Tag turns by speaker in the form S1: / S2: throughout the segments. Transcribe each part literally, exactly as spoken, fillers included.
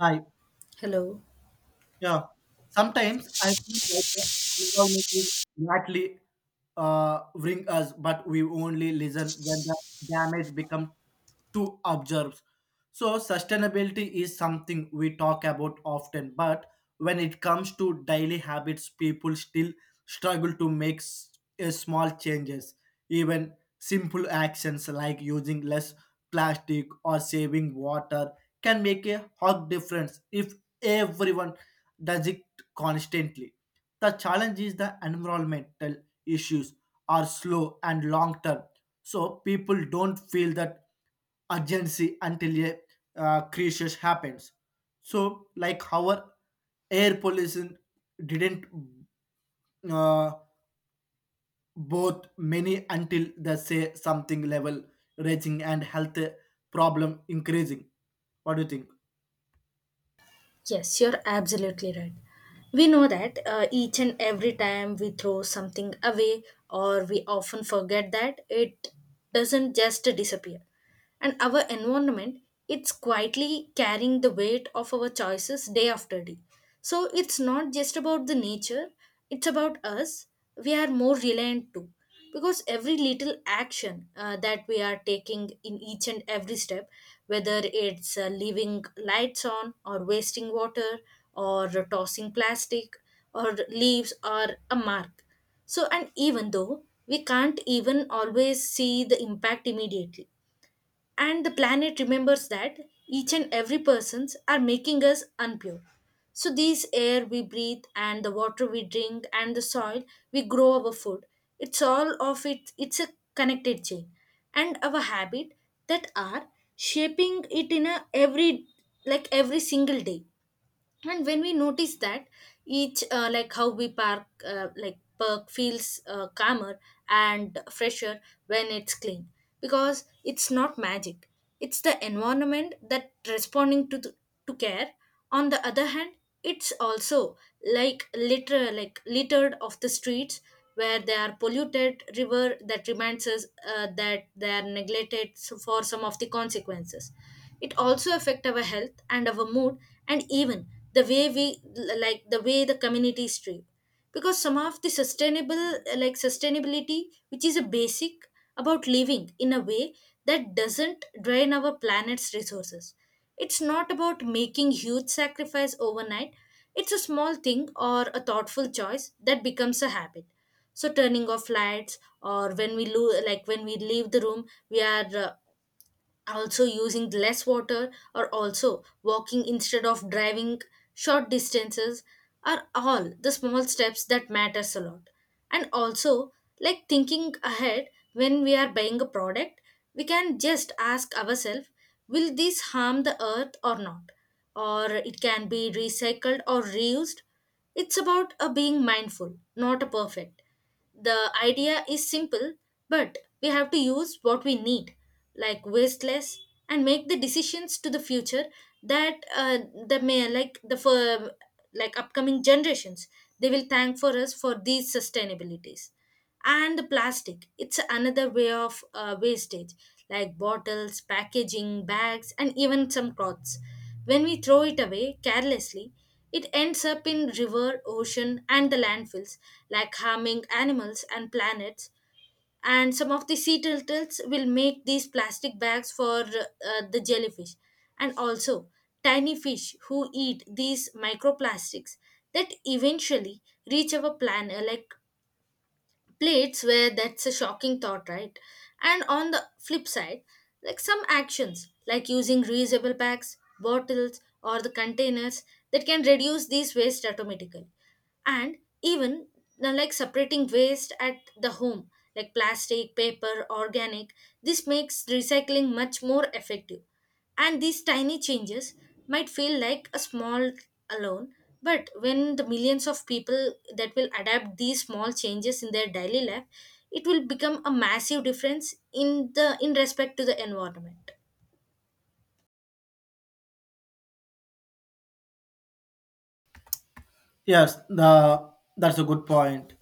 S1: Hi.
S2: Hello.
S1: Yeah. Sometimes I feel like the environment is largely uh, ring us, but we only listen when the damage become too observes. So sustainability is something we talk about often, but when it comes to daily habits, people still struggle to make s- a small changes. Even simple actions like using less plastic or saving water can make a hug difference if everyone does it constantly. The challenge is the environmental issues are slow and long term, so people don't feel that urgency until a uh, crisis happens. So like our air pollution didn't uh, both many until they say something level raging and health problem increasing. What do you think?
S2: Yes, you're absolutely right. We know that uh, each and every time we throw something away, or we often forget that it doesn't just disappear. And our environment, it's quietly carrying the weight of our choices day after day. So it's not just about the nature, it's about us. We are more reliant too, because every little action uh, that we are taking in each and every step, whether it's uh, leaving lights on or wasting water or tossing plastic or leaves or a mark. So and even though we can't even always see the impact immediately, and the planet remembers that each and every persons are making us unpure. So these air we breathe and the water we drink and the soil we grow our food, it's all of it, it's a connected chain, and our habit that are shaping it in a every, like every single day. And when we notice that each uh, like how we park uh, like park feels uh, calmer and fresher when it's clean, because it's not magic, it's the environment that responding to the, to care. On the other hand, it's also like litter, like littered of the streets where they are polluted river that reminds us uh, that they are neglected. So for some of the consequences, it also affect our health and our mood, and even the way we, like the way the communities treat, because some of the sustainable, like sustainability, which is a basic about living in a way that doesn't drain our planet's resources. It's not about making huge sacrifice overnight, it's a small thing or a thoughtful choice that becomes a habit. So turning off lights or when we lo- like when we leave the room we are uh, also using less water, or also walking instead of driving short distances are all the small steps that matters a lot. And also like thinking ahead, when we are buying a product, we can just ask ourselves, will this harm the earth or not, or it can be recycled or reused. It's about a being mindful not a perfect. The idea is simple, but we have to use what we need, like waste less, and make the decisions to the future that uh, the may like the for, like upcoming generations, they will thank for us for these sustainabilities. And the plastic, it's another way of uh, wastage, like bottles packaging bags and even some cloths. When we throw it away carelessly, it ends up in river ocean and the landfills, like harming animals and planets. And some of the sea turtles will make these plastic bags for uh, the jellyfish, and also tiny fish who eat these microplastics that eventually reach our planet like plates. Where that's a shocking thought, right? And on the flip side, like some actions like using reusable bags, bottles, or the containers that can reduce these waste automatically. And even uh, like separating waste at the home, like plastic, paper, organic, this makes recycling much more effective. And these tiny changes might feel like a small alone, but when the millions of people that will adapt these small changes in their daily life, it will become a massive difference in the in respect to the environment.
S1: Yes the that's a good point.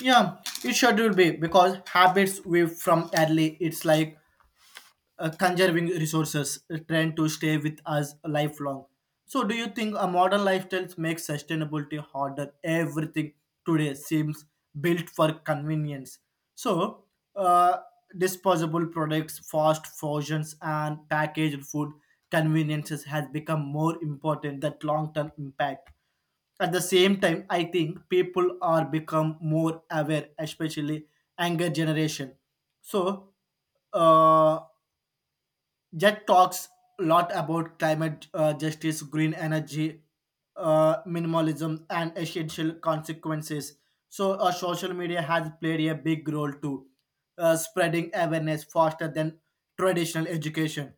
S1: Yeah, it should be because habits we from early it's like uh, conserving resources a trend to stay with us lifelong. So, do you think a modern lifestyle makes sustainability harder? Everything today seems built for convenience. So, uh, disposable products, fast fusions, and packaged food conveniences has become more important than long-term impact. At the same time, I think people are become more aware, especially younger generation. So uh, Jet talks a lot about climate uh, justice, green energy, uh, minimalism, and essential consequences. So, uh, social media has played a big role too, uh, spreading awareness faster than traditional education,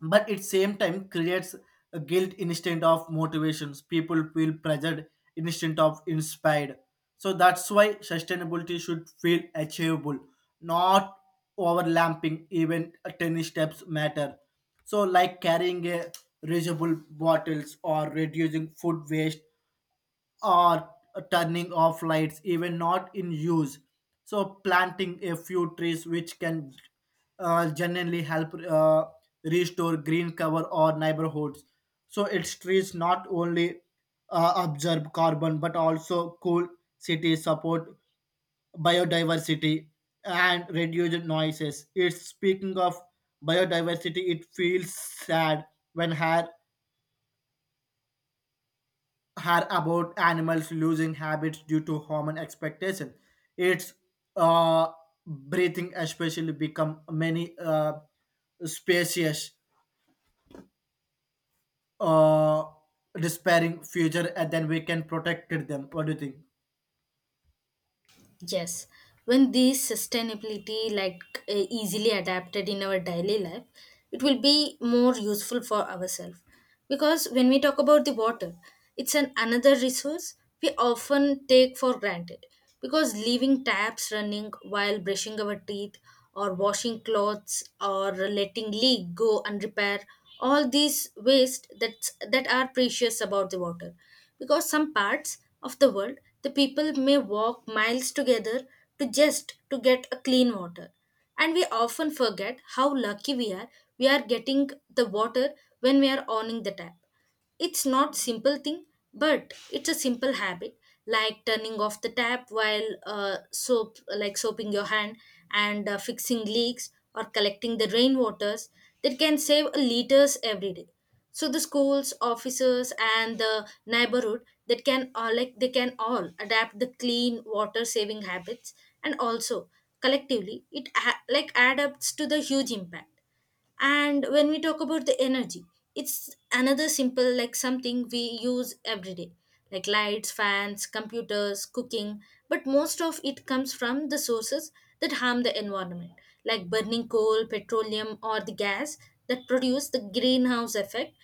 S1: but at same time creates a guilt instead of motivations. People feel pressured instead of inspired. So that's why sustainability should feel achievable, not overlapping. Even ten steps matter. So like carrying a reusable bottles, or reducing food waste, or turning off lights even not in use. So planting a few trees which can uh, generally help uh, restore green cover or neighborhoods. So its trees not only uh, absorb carbon but also cool cities, support biodiversity, and reduce noises. It's speaking of biodiversity, it feels sad when hair had about animals losing habits due to human expectation. It's uh, breathing especially become many uh, species uh, despairing future and then we can protect them. What do you think?
S2: Yes, when these sustainability like uh, easily adapted in our daily life, it will be more useful for ourselves. Because when we talk about the water, it's an another resource we often take for granted. Because leaving taps running while brushing our teeth or washing clothes or letting leak go and repair, all these waste that's, that are precious about the water. Because some parts of the world, the people may walk miles together to just to get a clean water, and we often forget how lucky we are. We are getting the water when we are owning the tap. It's not simple thing, but it's a simple habit, like turning off the tap while uh, soap like soaping your hand, and uh, fixing leaks or collecting the rainwaters that can save liters every day. So the schools officers and the neighborhood that can all like they can all adapt the clean water saving habits, and also collectively it ha- like adapts to the huge impact. And when we talk about the energy, it's another simple like something we use every day, like lights fans computers cooking. But most of it comes from the sources that harm the environment, like burning coal petroleum or the gas that produce the greenhouse effect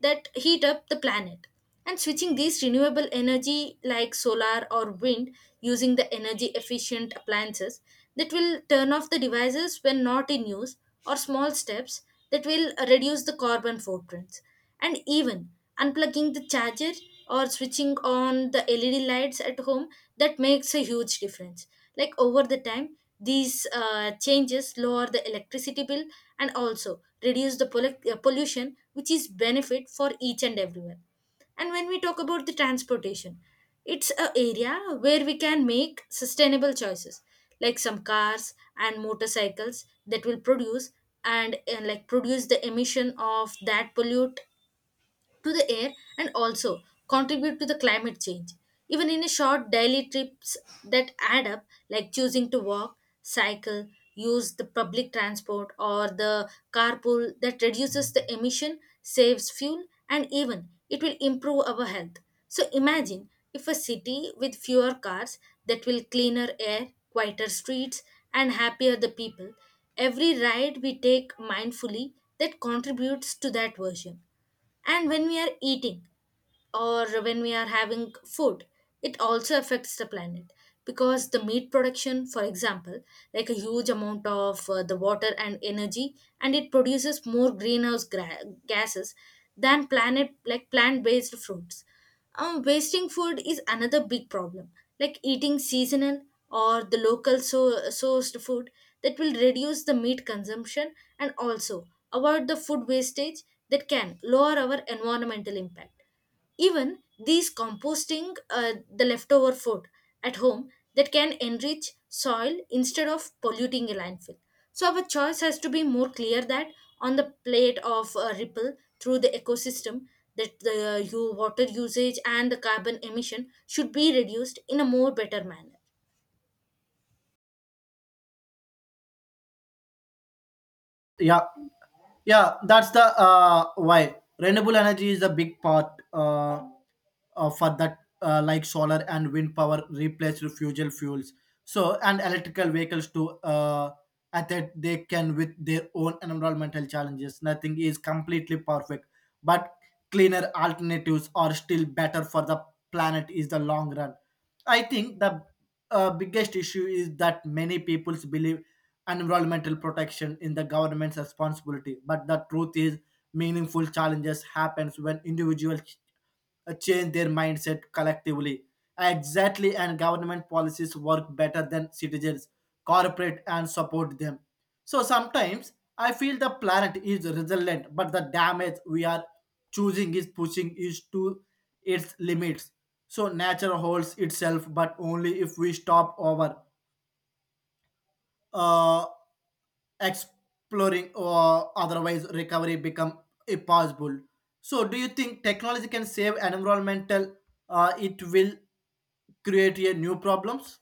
S2: that heat up the planet. And switching these renewable energy like solar or wind, using the energy efficient appliances that will turn off the devices when not in use, or small steps that will reduce the carbon footprints. And even unplugging the charger or switching on the led lights at home, that makes a huge difference. Like over the time these uh, changes lower the electricity bill and also reduce the pollu- uh, pollution, which is benefit for each and everyone. And when we talk about the transportation, it's a area where we can make sustainable choices. Like some cars and motorcycles that will produce and, and like produce the emission of that pollute to the air and also contribute to the climate change. Even in a short daily trips that add up, like choosing to walk, cycle, use the public transport or the carpool that reduces the emission, saves fuel, and even it will improve our health. So imagine if a city with fewer cars that will cleaner air, quieter streets, and happier the people, every ride we take mindfully that contributes to that version. And when we are eating or when we are having food, it also affects the planet, because the meat production for example, like a huge amount of uh, the water and energy, and it produces more greenhouse gra- gases than planet like plant based fruits. Um, wasting food is another big problem, like eating seasonal or the local so- sourced food that will reduce the meat consumption and also avoid the food wastage that can lower our environmental impact. Even these composting uh, the leftover food at home that can enrich soil instead of polluting a landfill. So our choice has to be more clear that on the plate of a ripple through the ecosystem, that the uh, you water usage and the carbon emission should be reduced in a more better manner.
S1: Yeah. Yeah, that's the uh, why renewable energy is a big part uh, uh, for that uh, like solar and wind power replace fuel fuels. So and electrical vehicles to uh, at that they can with their own environmental challenges. Nothing is completely perfect, but cleaner alternatives are still better for the planet is the long run. I think the uh, biggest issue is that many people believe environmental protection in the government's responsibility, but the truth is meaningful challenges happens when individuals uh, change their mindset collectively. Exactly, and government policies work better than citizens cooperate and support them. So sometimes I feel the planet is resilient, but the damage we are choosing is pushing is to its limits. So nature holds itself, but only if we stop over. Uh, Exploring or otherwise recovery become impossible. So do you think technology can save environmental uh, it will create a new problems?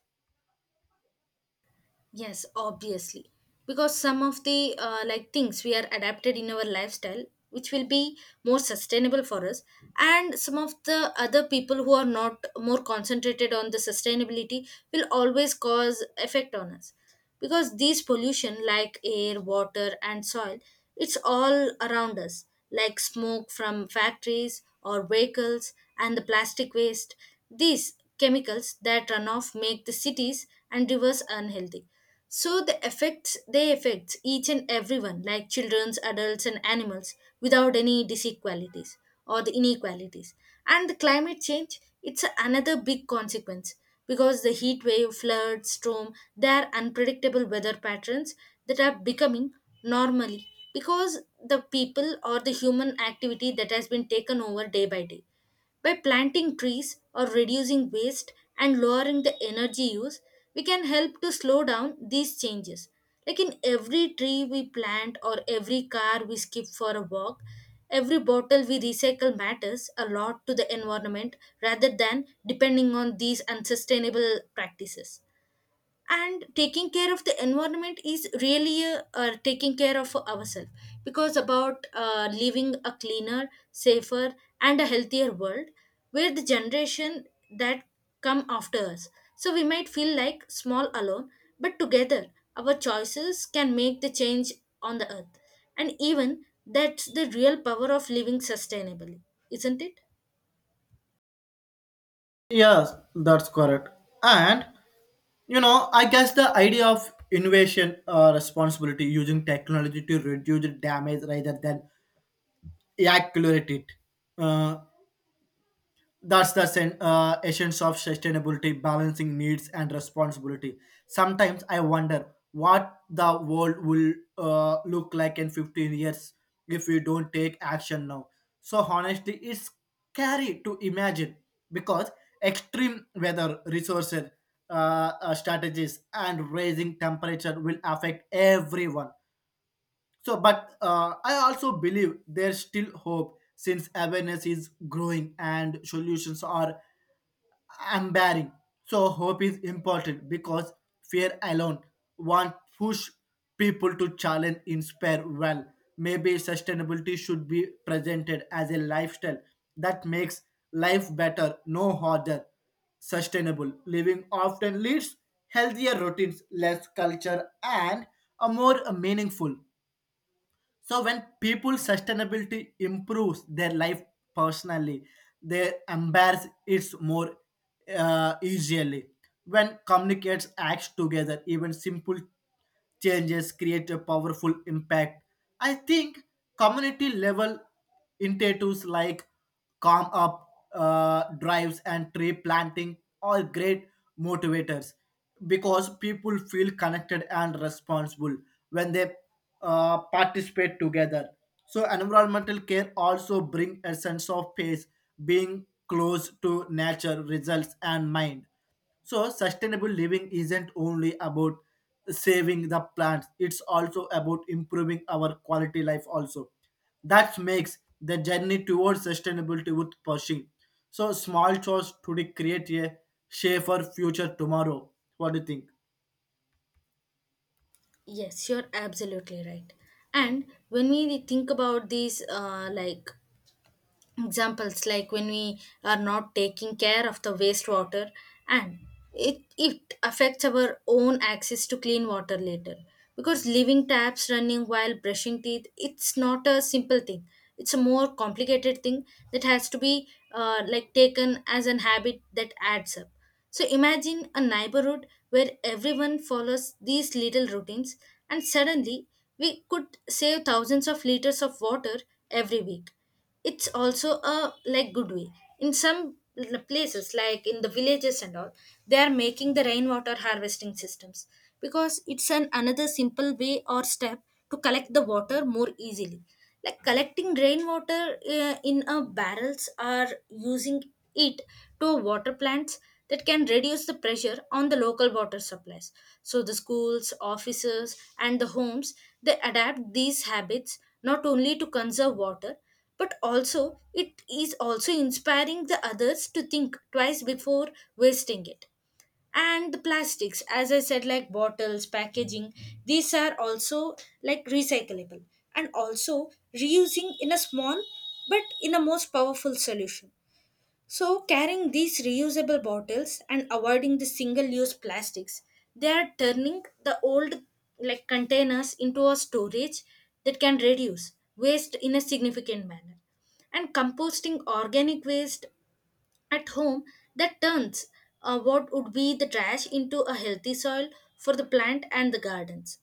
S2: Yes, obviously. Because some of the uh, like things we are adapted in our lifestyle, which will be more sustainable for us, and some of the other people who are not more concentrated on the sustainability will always cause effect on us. Because these pollution like air water and soil, it's all around us like smoke from factories or vehicles and the plastic waste, these chemicals that run off make the cities and rivers unhealthy. So the effects they affect each and everyone, like children's adults and animals, without any disequalities or the inequalities. And the climate change, it's another big consequence, because the heat wave, flood, storm, they are unpredictable weather patterns that are becoming normally, because the people or the human activity that has been taken over day by day. By planting trees or reducing waste and lowering the energy use, we can help to slow down these changes. Like in every tree we plant or every car we skip for a walk, every bottle we recycle matters a lot to the environment rather than depending on these unsustainable practices. And taking care of the environment is really uh, uh, taking care of ourselves, because about uh, living a cleaner safer and a healthier world where the generation that come after us. So we might feel like small alone, but together our choices can make the change on the earth. And even that's the real power of living sustainably, isn't it?
S1: Yes, that's correct. And you know, I guess the idea of innovation uh, responsibility using technology to reduce the damage rather than accelerate it. Uh, That's the sen- uh, essence of sustainability, balancing needs and responsibility. Sometimes I wonder what the world will uh, look like in fifteen years if we don't take action now. So, honestly, it's scary to imagine because extreme weather, resources, uh, uh, strategies, and raising temperature will affect everyone. So, but uh, I also believe there's still hope since awareness is growing and solutions are empowering. So hope is important because fear alone won't push people to challenge, inspire well. Maybe sustainability should be presented as a lifestyle that makes life better, no harder. Sustainable living often leads healthier routines, less culture, and a more meaningful. So when people sustainability improves their life personally, they embrace it more uh, easily. When communicates acts together, even simple changes create a powerful impact. I think community level initiatives like calm up uh, drives and tree planting are great motivators because people feel connected and responsible when they uh, participate together. So environmental care also bring a sense of peace, being close to nature results and mind. So, sustainable living isn't only about saving the plants, it's also about improving our quality life also. That makes the journey towards sustainability worth pushing. So, small chores today create a safer future tomorrow. What do you think?
S2: Yes, you're absolutely right. And when we think about these uh, like examples, like when we are not taking care of the wastewater, and it it affects our own access to clean water later, because leaving taps running while brushing teeth, it's not a simple thing, it's a more complicated thing that has to be uh, like taken as an habit that adds up. So imagine a neighborhood where everyone follows these little routines, and suddenly we could save thousands of liters of water every week. It's also a like good way in some l- places, like in the villages and all, they are making the rainwater harvesting systems, because it's an another simple way or step to collect the water more easily, like collecting rainwater uh, in a barrels or using it to water plants that can reduce the pressure on the local water supplies. So the schools, offices, and the homes they adapt these habits not only to conserve water but also it is also inspiring the others to think twice before wasting it. And the plastics, as I said, like bottles, packaging, these are also like recyclable and also reusing in a small but in a most powerful solution. So, carrying these reusable bottles and avoiding the single use plastics, they are turning the old like containers into a storage that can reduce waste in a significant manner. And composting organic waste at home that turns uh, what would be the trash into a healthy soil for the plant and the gardens.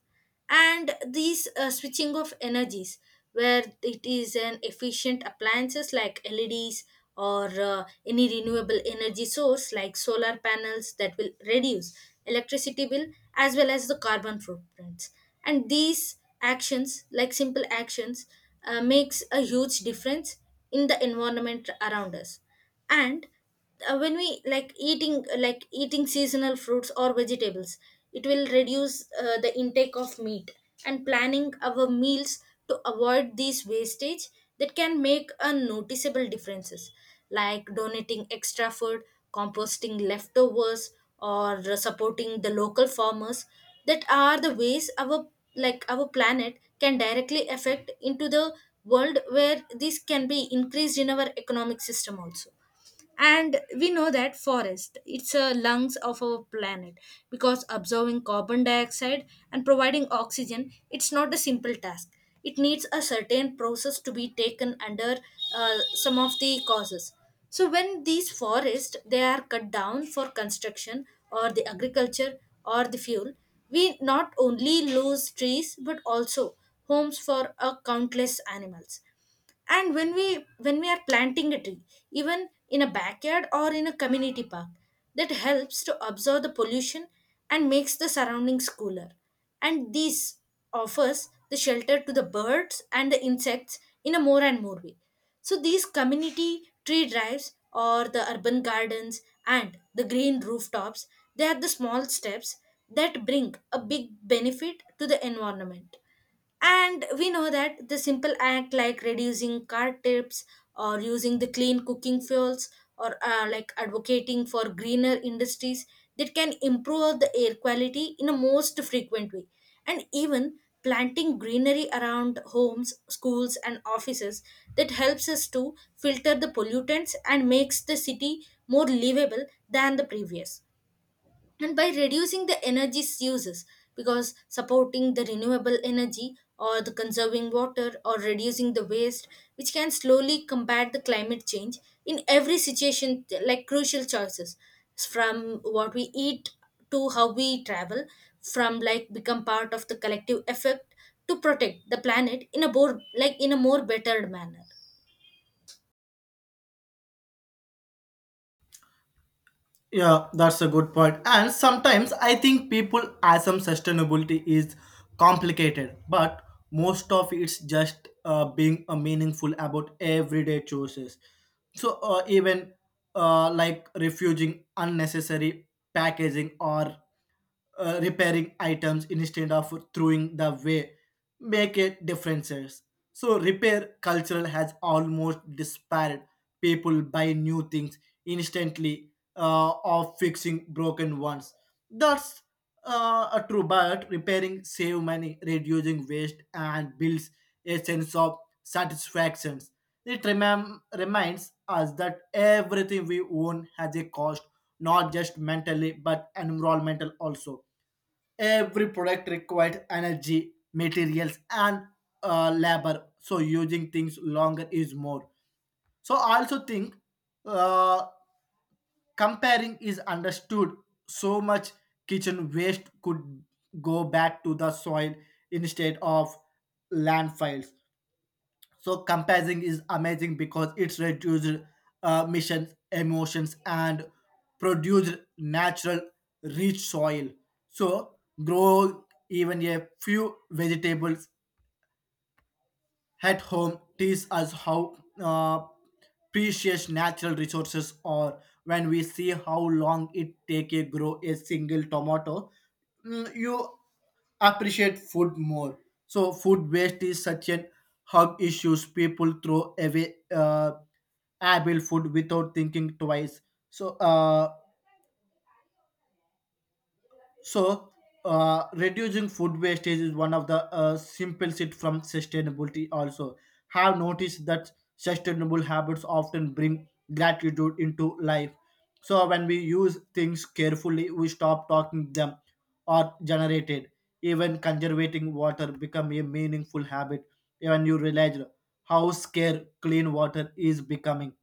S2: And these uh, switching of energies where it is an efficient appliances like leds or uh, any renewable energy source like solar panels that will reduce electricity bill as well as the carbon footprints. And these actions like simple actions uh, makes a huge difference in the environment around us. And uh, when we like eating like eating seasonal fruits or vegetables it will reduce uh, the intake of meat and planning our meals to avoid these wastage that can make a noticeable differences, like donating extra food, composting leftovers, or supporting the local farmers. That are the ways our, like our planet can directly affect into the world where this can be increased in our economic system also. And we know that forest, it's a lungs of our planet because absorbing carbon dioxide and providing oxygen, it's not a simple task. It needs a certain process to be taken under uh, some of the causes. So when these forests, they are cut down for construction or the agriculture or the fuel, we not only lose trees but also homes for a countless animals. And when we when we are planting a tree, even in a backyard or in a community park, that helps to absorb the pollution and makes the surroundings cooler. And this offers the shelter to the birds and the insects in a more and more way. So these community tree drives or the urban gardens and the green rooftops, they are the small steps that bring a big benefit to the environment. And we know that the simple act like reducing car tips or using the clean cooking fuels or uh, like advocating for greener industries that can improve the air quality in a most frequent way. And even planting greenery around homes, schools, and offices that helps us to filter the pollutants and makes the city more livable than the previous. And by reducing the energy uses because supporting the renewable energy or the conserving water or reducing the waste, which can slowly combat the climate change in every situation, like crucial choices, from what we eat to how we travel, from like become part of the collective effect to protect the planet in a more like in a more better manner.
S1: Yeah, that's a good point. And sometimes I think people assume sustainability is complicated, but most of it's just uh, being uh, meaningful about everyday choices. So uh, even uh, like refusing unnecessary packaging or uh, repairing items instead of throwing the way make a differences. So repair cultural has almost disparate. People buy new things instantly uh, of fixing broken ones. That's uh, a true, but repairing save money, reducing waste, and builds a sense of satisfaction. It remem- reminds us that everything we own has a cost, not just mentally but environmental also. Every product requires energy, materials, and uh, labor. So using things longer is more. So I also think uh, comparing is understood. So much kitchen waste could go back to the soil instead of landfills. So compassing is amazing because it's reduced uh, missions emotions and produced natural rich soil. So grow even a few vegetables at home teach us how uh, precious natural resources are. When we see how long it take to grow a single tomato, mm, you appreciate food more. So food waste is such an hug issues. People throw away uh, able food without thinking twice. So uh, so, uh, reducing food wastage is one of the uh, simplest it from sustainability. Also, have noticed that sustainable habits often bring gratitude into life. So, when we use things carefully, we stop talking them or generated. Even conservating water become a meaningful habit. Even you realize how scarce clean water is becoming.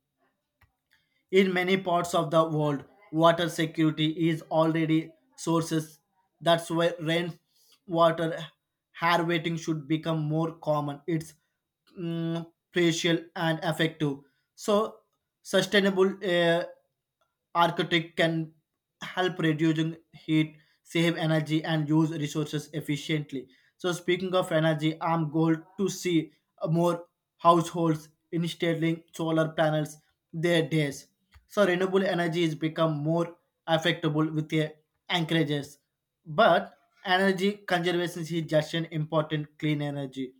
S1: In many parts of the world, water security is already sources. That's why rainwater harvesting should become more common. It's mm, precious and effective. So, sustainable uh, architect can help reducing heat, save energy, and use resources efficiently. So, speaking of energy, I'm going to see more households installing solar panels their days. So renewable energy is become more affectable with the anchorages. But energy conservation is just an important clean energy.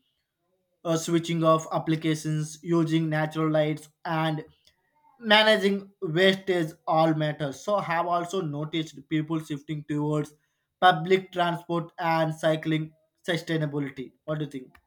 S1: Uh, switching off applications, using natural lights and managing wastage all matters. So have also noticed people shifting towards public transport and cycling sustainability. What do you think?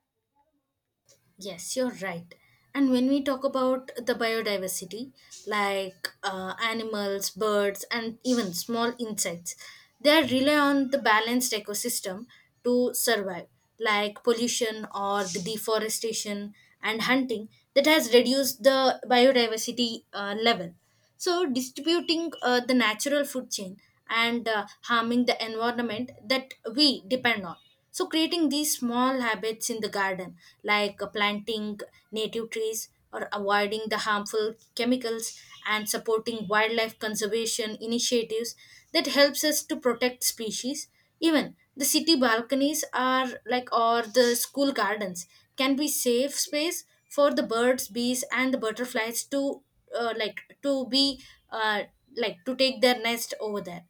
S2: Yes, you're right. And when we talk about the biodiversity, like uh, animals, birds, and even small insects, they rely on the balanced ecosystem to survive, like pollution or the deforestation and hunting that has reduced the biodiversity uh, level. So distributing uh, the natural food chain and uh, harming the environment that we depend on. So creating these small habits in the garden, like uh, planting native trees or avoiding the harmful chemicals and supporting wildlife conservation initiatives that helps us to protect species. Even the city balconies are like or the school gardens can be safe space for the birds, bees, and the butterflies to uh, like to be uh, like to take their nest over there.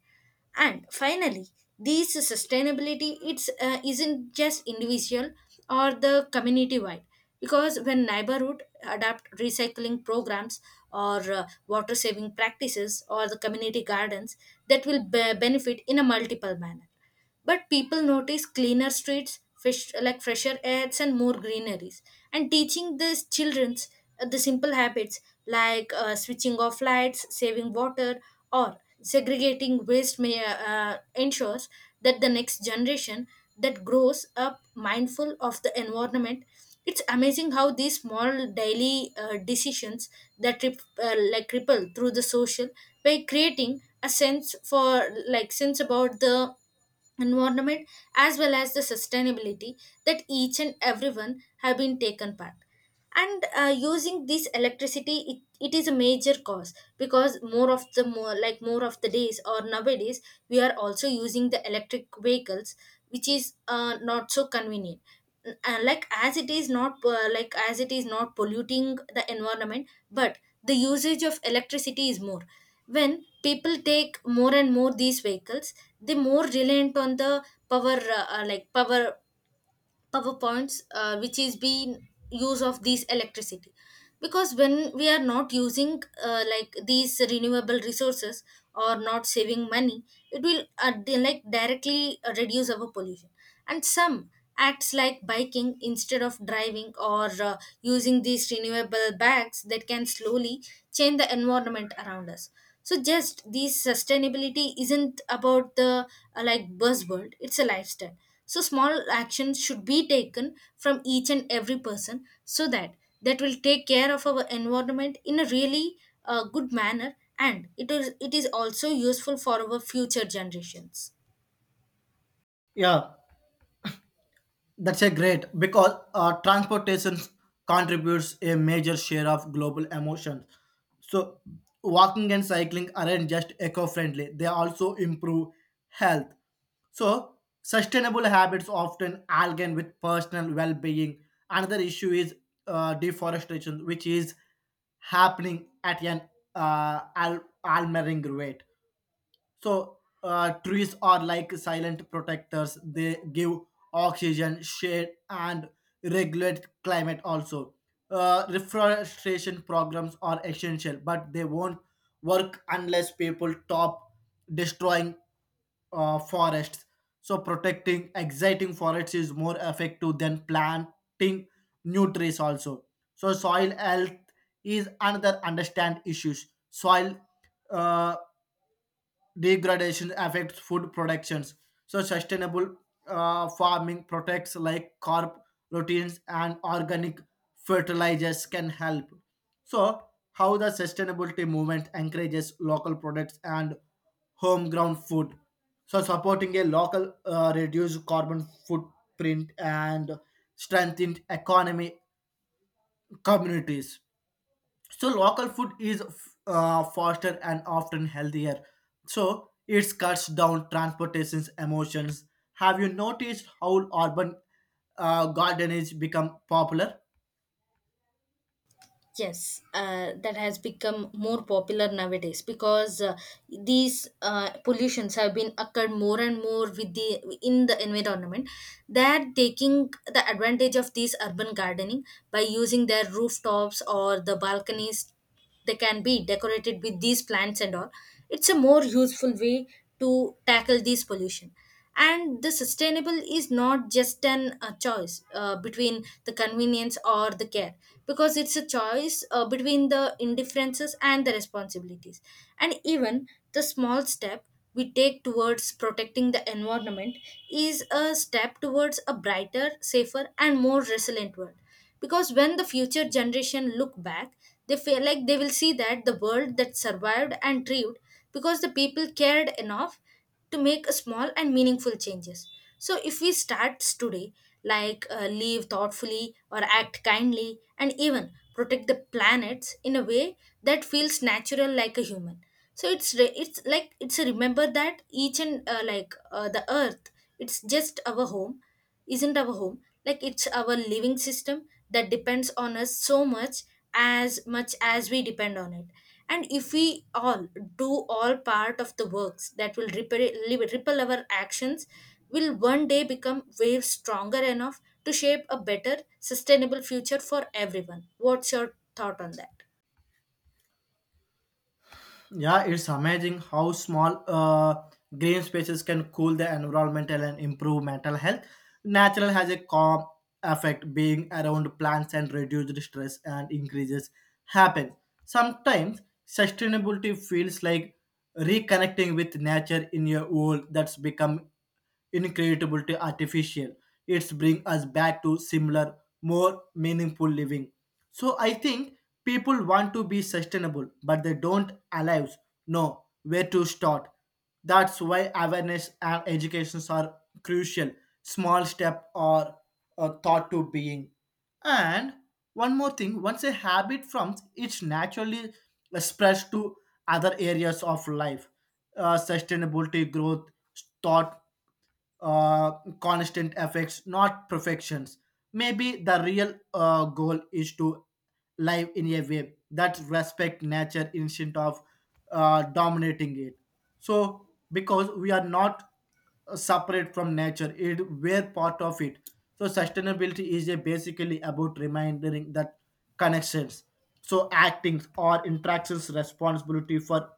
S2: And finally these sustainability, it's uh, isn't just individual or the community wide because when neighborhood adapt recycling programs or uh, water saving practices or the community gardens that will be- benefit in a multiple manner. But people notice cleaner streets, fish like fresher airs and more greeneries. And teaching these childrens uh, the simple habits, like uh, switching off lights, saving water, or segregating waste may uh, ensures that the next generation that grows up mindful of the environment. It's amazing how these small daily uh, decisions that rip, uh, like ripple through the social by creating a sense for like sense about the environment as well as the sustainability, that each and everyone have been taken part. And uh, using this electricity, it, it is a major cause because more of the more like more of the days or nowadays we are also using the electric vehicles, which is uh, not so convenient, uh, like as it is not uh, like as it is not polluting the environment but the usage of electricity is more when people take more and more these vehicles. They more reliant on the power uh, uh, like power power points uh, which is being use of these electricity. Because when we are not using uh, like these renewable resources or not saving money, it will uh, di- like directly uh, reduce our pollution. And some acts like biking instead of driving or uh, using these renewable bags that can slowly change the environment around us. So just this sustainability isn't about the uh, like buzzword, it's a lifestyle. So small actions should be taken from each and every person so that that will take care of our environment in a really uh, good manner. And it is it is also useful for our future generations.
S1: Yeah. That's a great because uh, transportation contributes a major share of global emotions. So, walking and cycling aren't just eco-friendly; they also improve health. So, sustainable habits often align with personal well-being. Another issue is uh, deforestation, which is happening at an uh, al- alarming rate. So uh, trees are like silent protectors. They give oxygen, shade, and regulate climate. Also, uh, reforestation programs are essential, but they won't work unless people stop destroying uh, forests. So protecting exciting forests is more effective than planting new trees also. So soil health is another understand issues. Soil uh, degradation affects food productions. So sustainable uh, farming protects like carp proteins and organic fertilizers can help. So how the sustainability movement encourages local products and homegrown food. So supporting a local uh, reduced carbon footprint and strengthened economy communities. So local food is uh, faster and often healthier, so it cuts down transportation's emotions. Have you noticed how urban uh, gardeners become popular?
S2: Yes, uh, that has become more popular nowadays because uh, these uh, pollutions have been occurred more and more with the in the environment. They are taking the advantage of this urban gardening. By using their rooftops or the balconies, they can be decorated with these plants and all. It's a more useful way to tackle this pollution. And the sustainable is not just an a choice uh, between the convenience or the care, because it's a choice uh, between the indifferences and the responsibilities. And even the small step we take towards protecting the environment is a step towards a brighter, safer, and more resilient world. Because when the future generation look back, they feel like they will see that the world that survived and thrived because the people cared enough to make a small and meaningful changes. So if we start today, like uh, live thoughtfully or act kindly and even protect the planets in a way that feels natural like a human. So it's re- it's like it's a remember that each and uh, like uh, the earth, it's just our home, isn't our home, like it's our living system that depends on us so much as much as we depend on it. And if we all do all part of the works that will ripple, ripple our actions will one day become waves stronger enough to shape a better sustainable future for everyone. What's your thought on that?
S1: Yeah, it's amazing how small uh, green spaces can cool the environmental and improve mental health. Natural has a calm effect, being around plants and reduced stress and increases happen. Sometimes sustainability feels like reconnecting with nature in your world that's become incredible to artificial. It's bring us back to similar, more meaningful living. So I think people want to be sustainable, but they don't allows know where to start. That's why awareness and educations are crucial. Small step or a thought to being. And one more thing, once a habit forms, it naturally spreads to other areas of life. Uh, sustainability, growth, thought uh, constant effects, not perfections. Maybe the real uh, goal is to live in a way that respect nature instead of uh, dominating it. So, because we are not uh, separate from nature, it we're part of it. So, sustainability is a basically about reminding that connections. So, acting or interactions responsibility for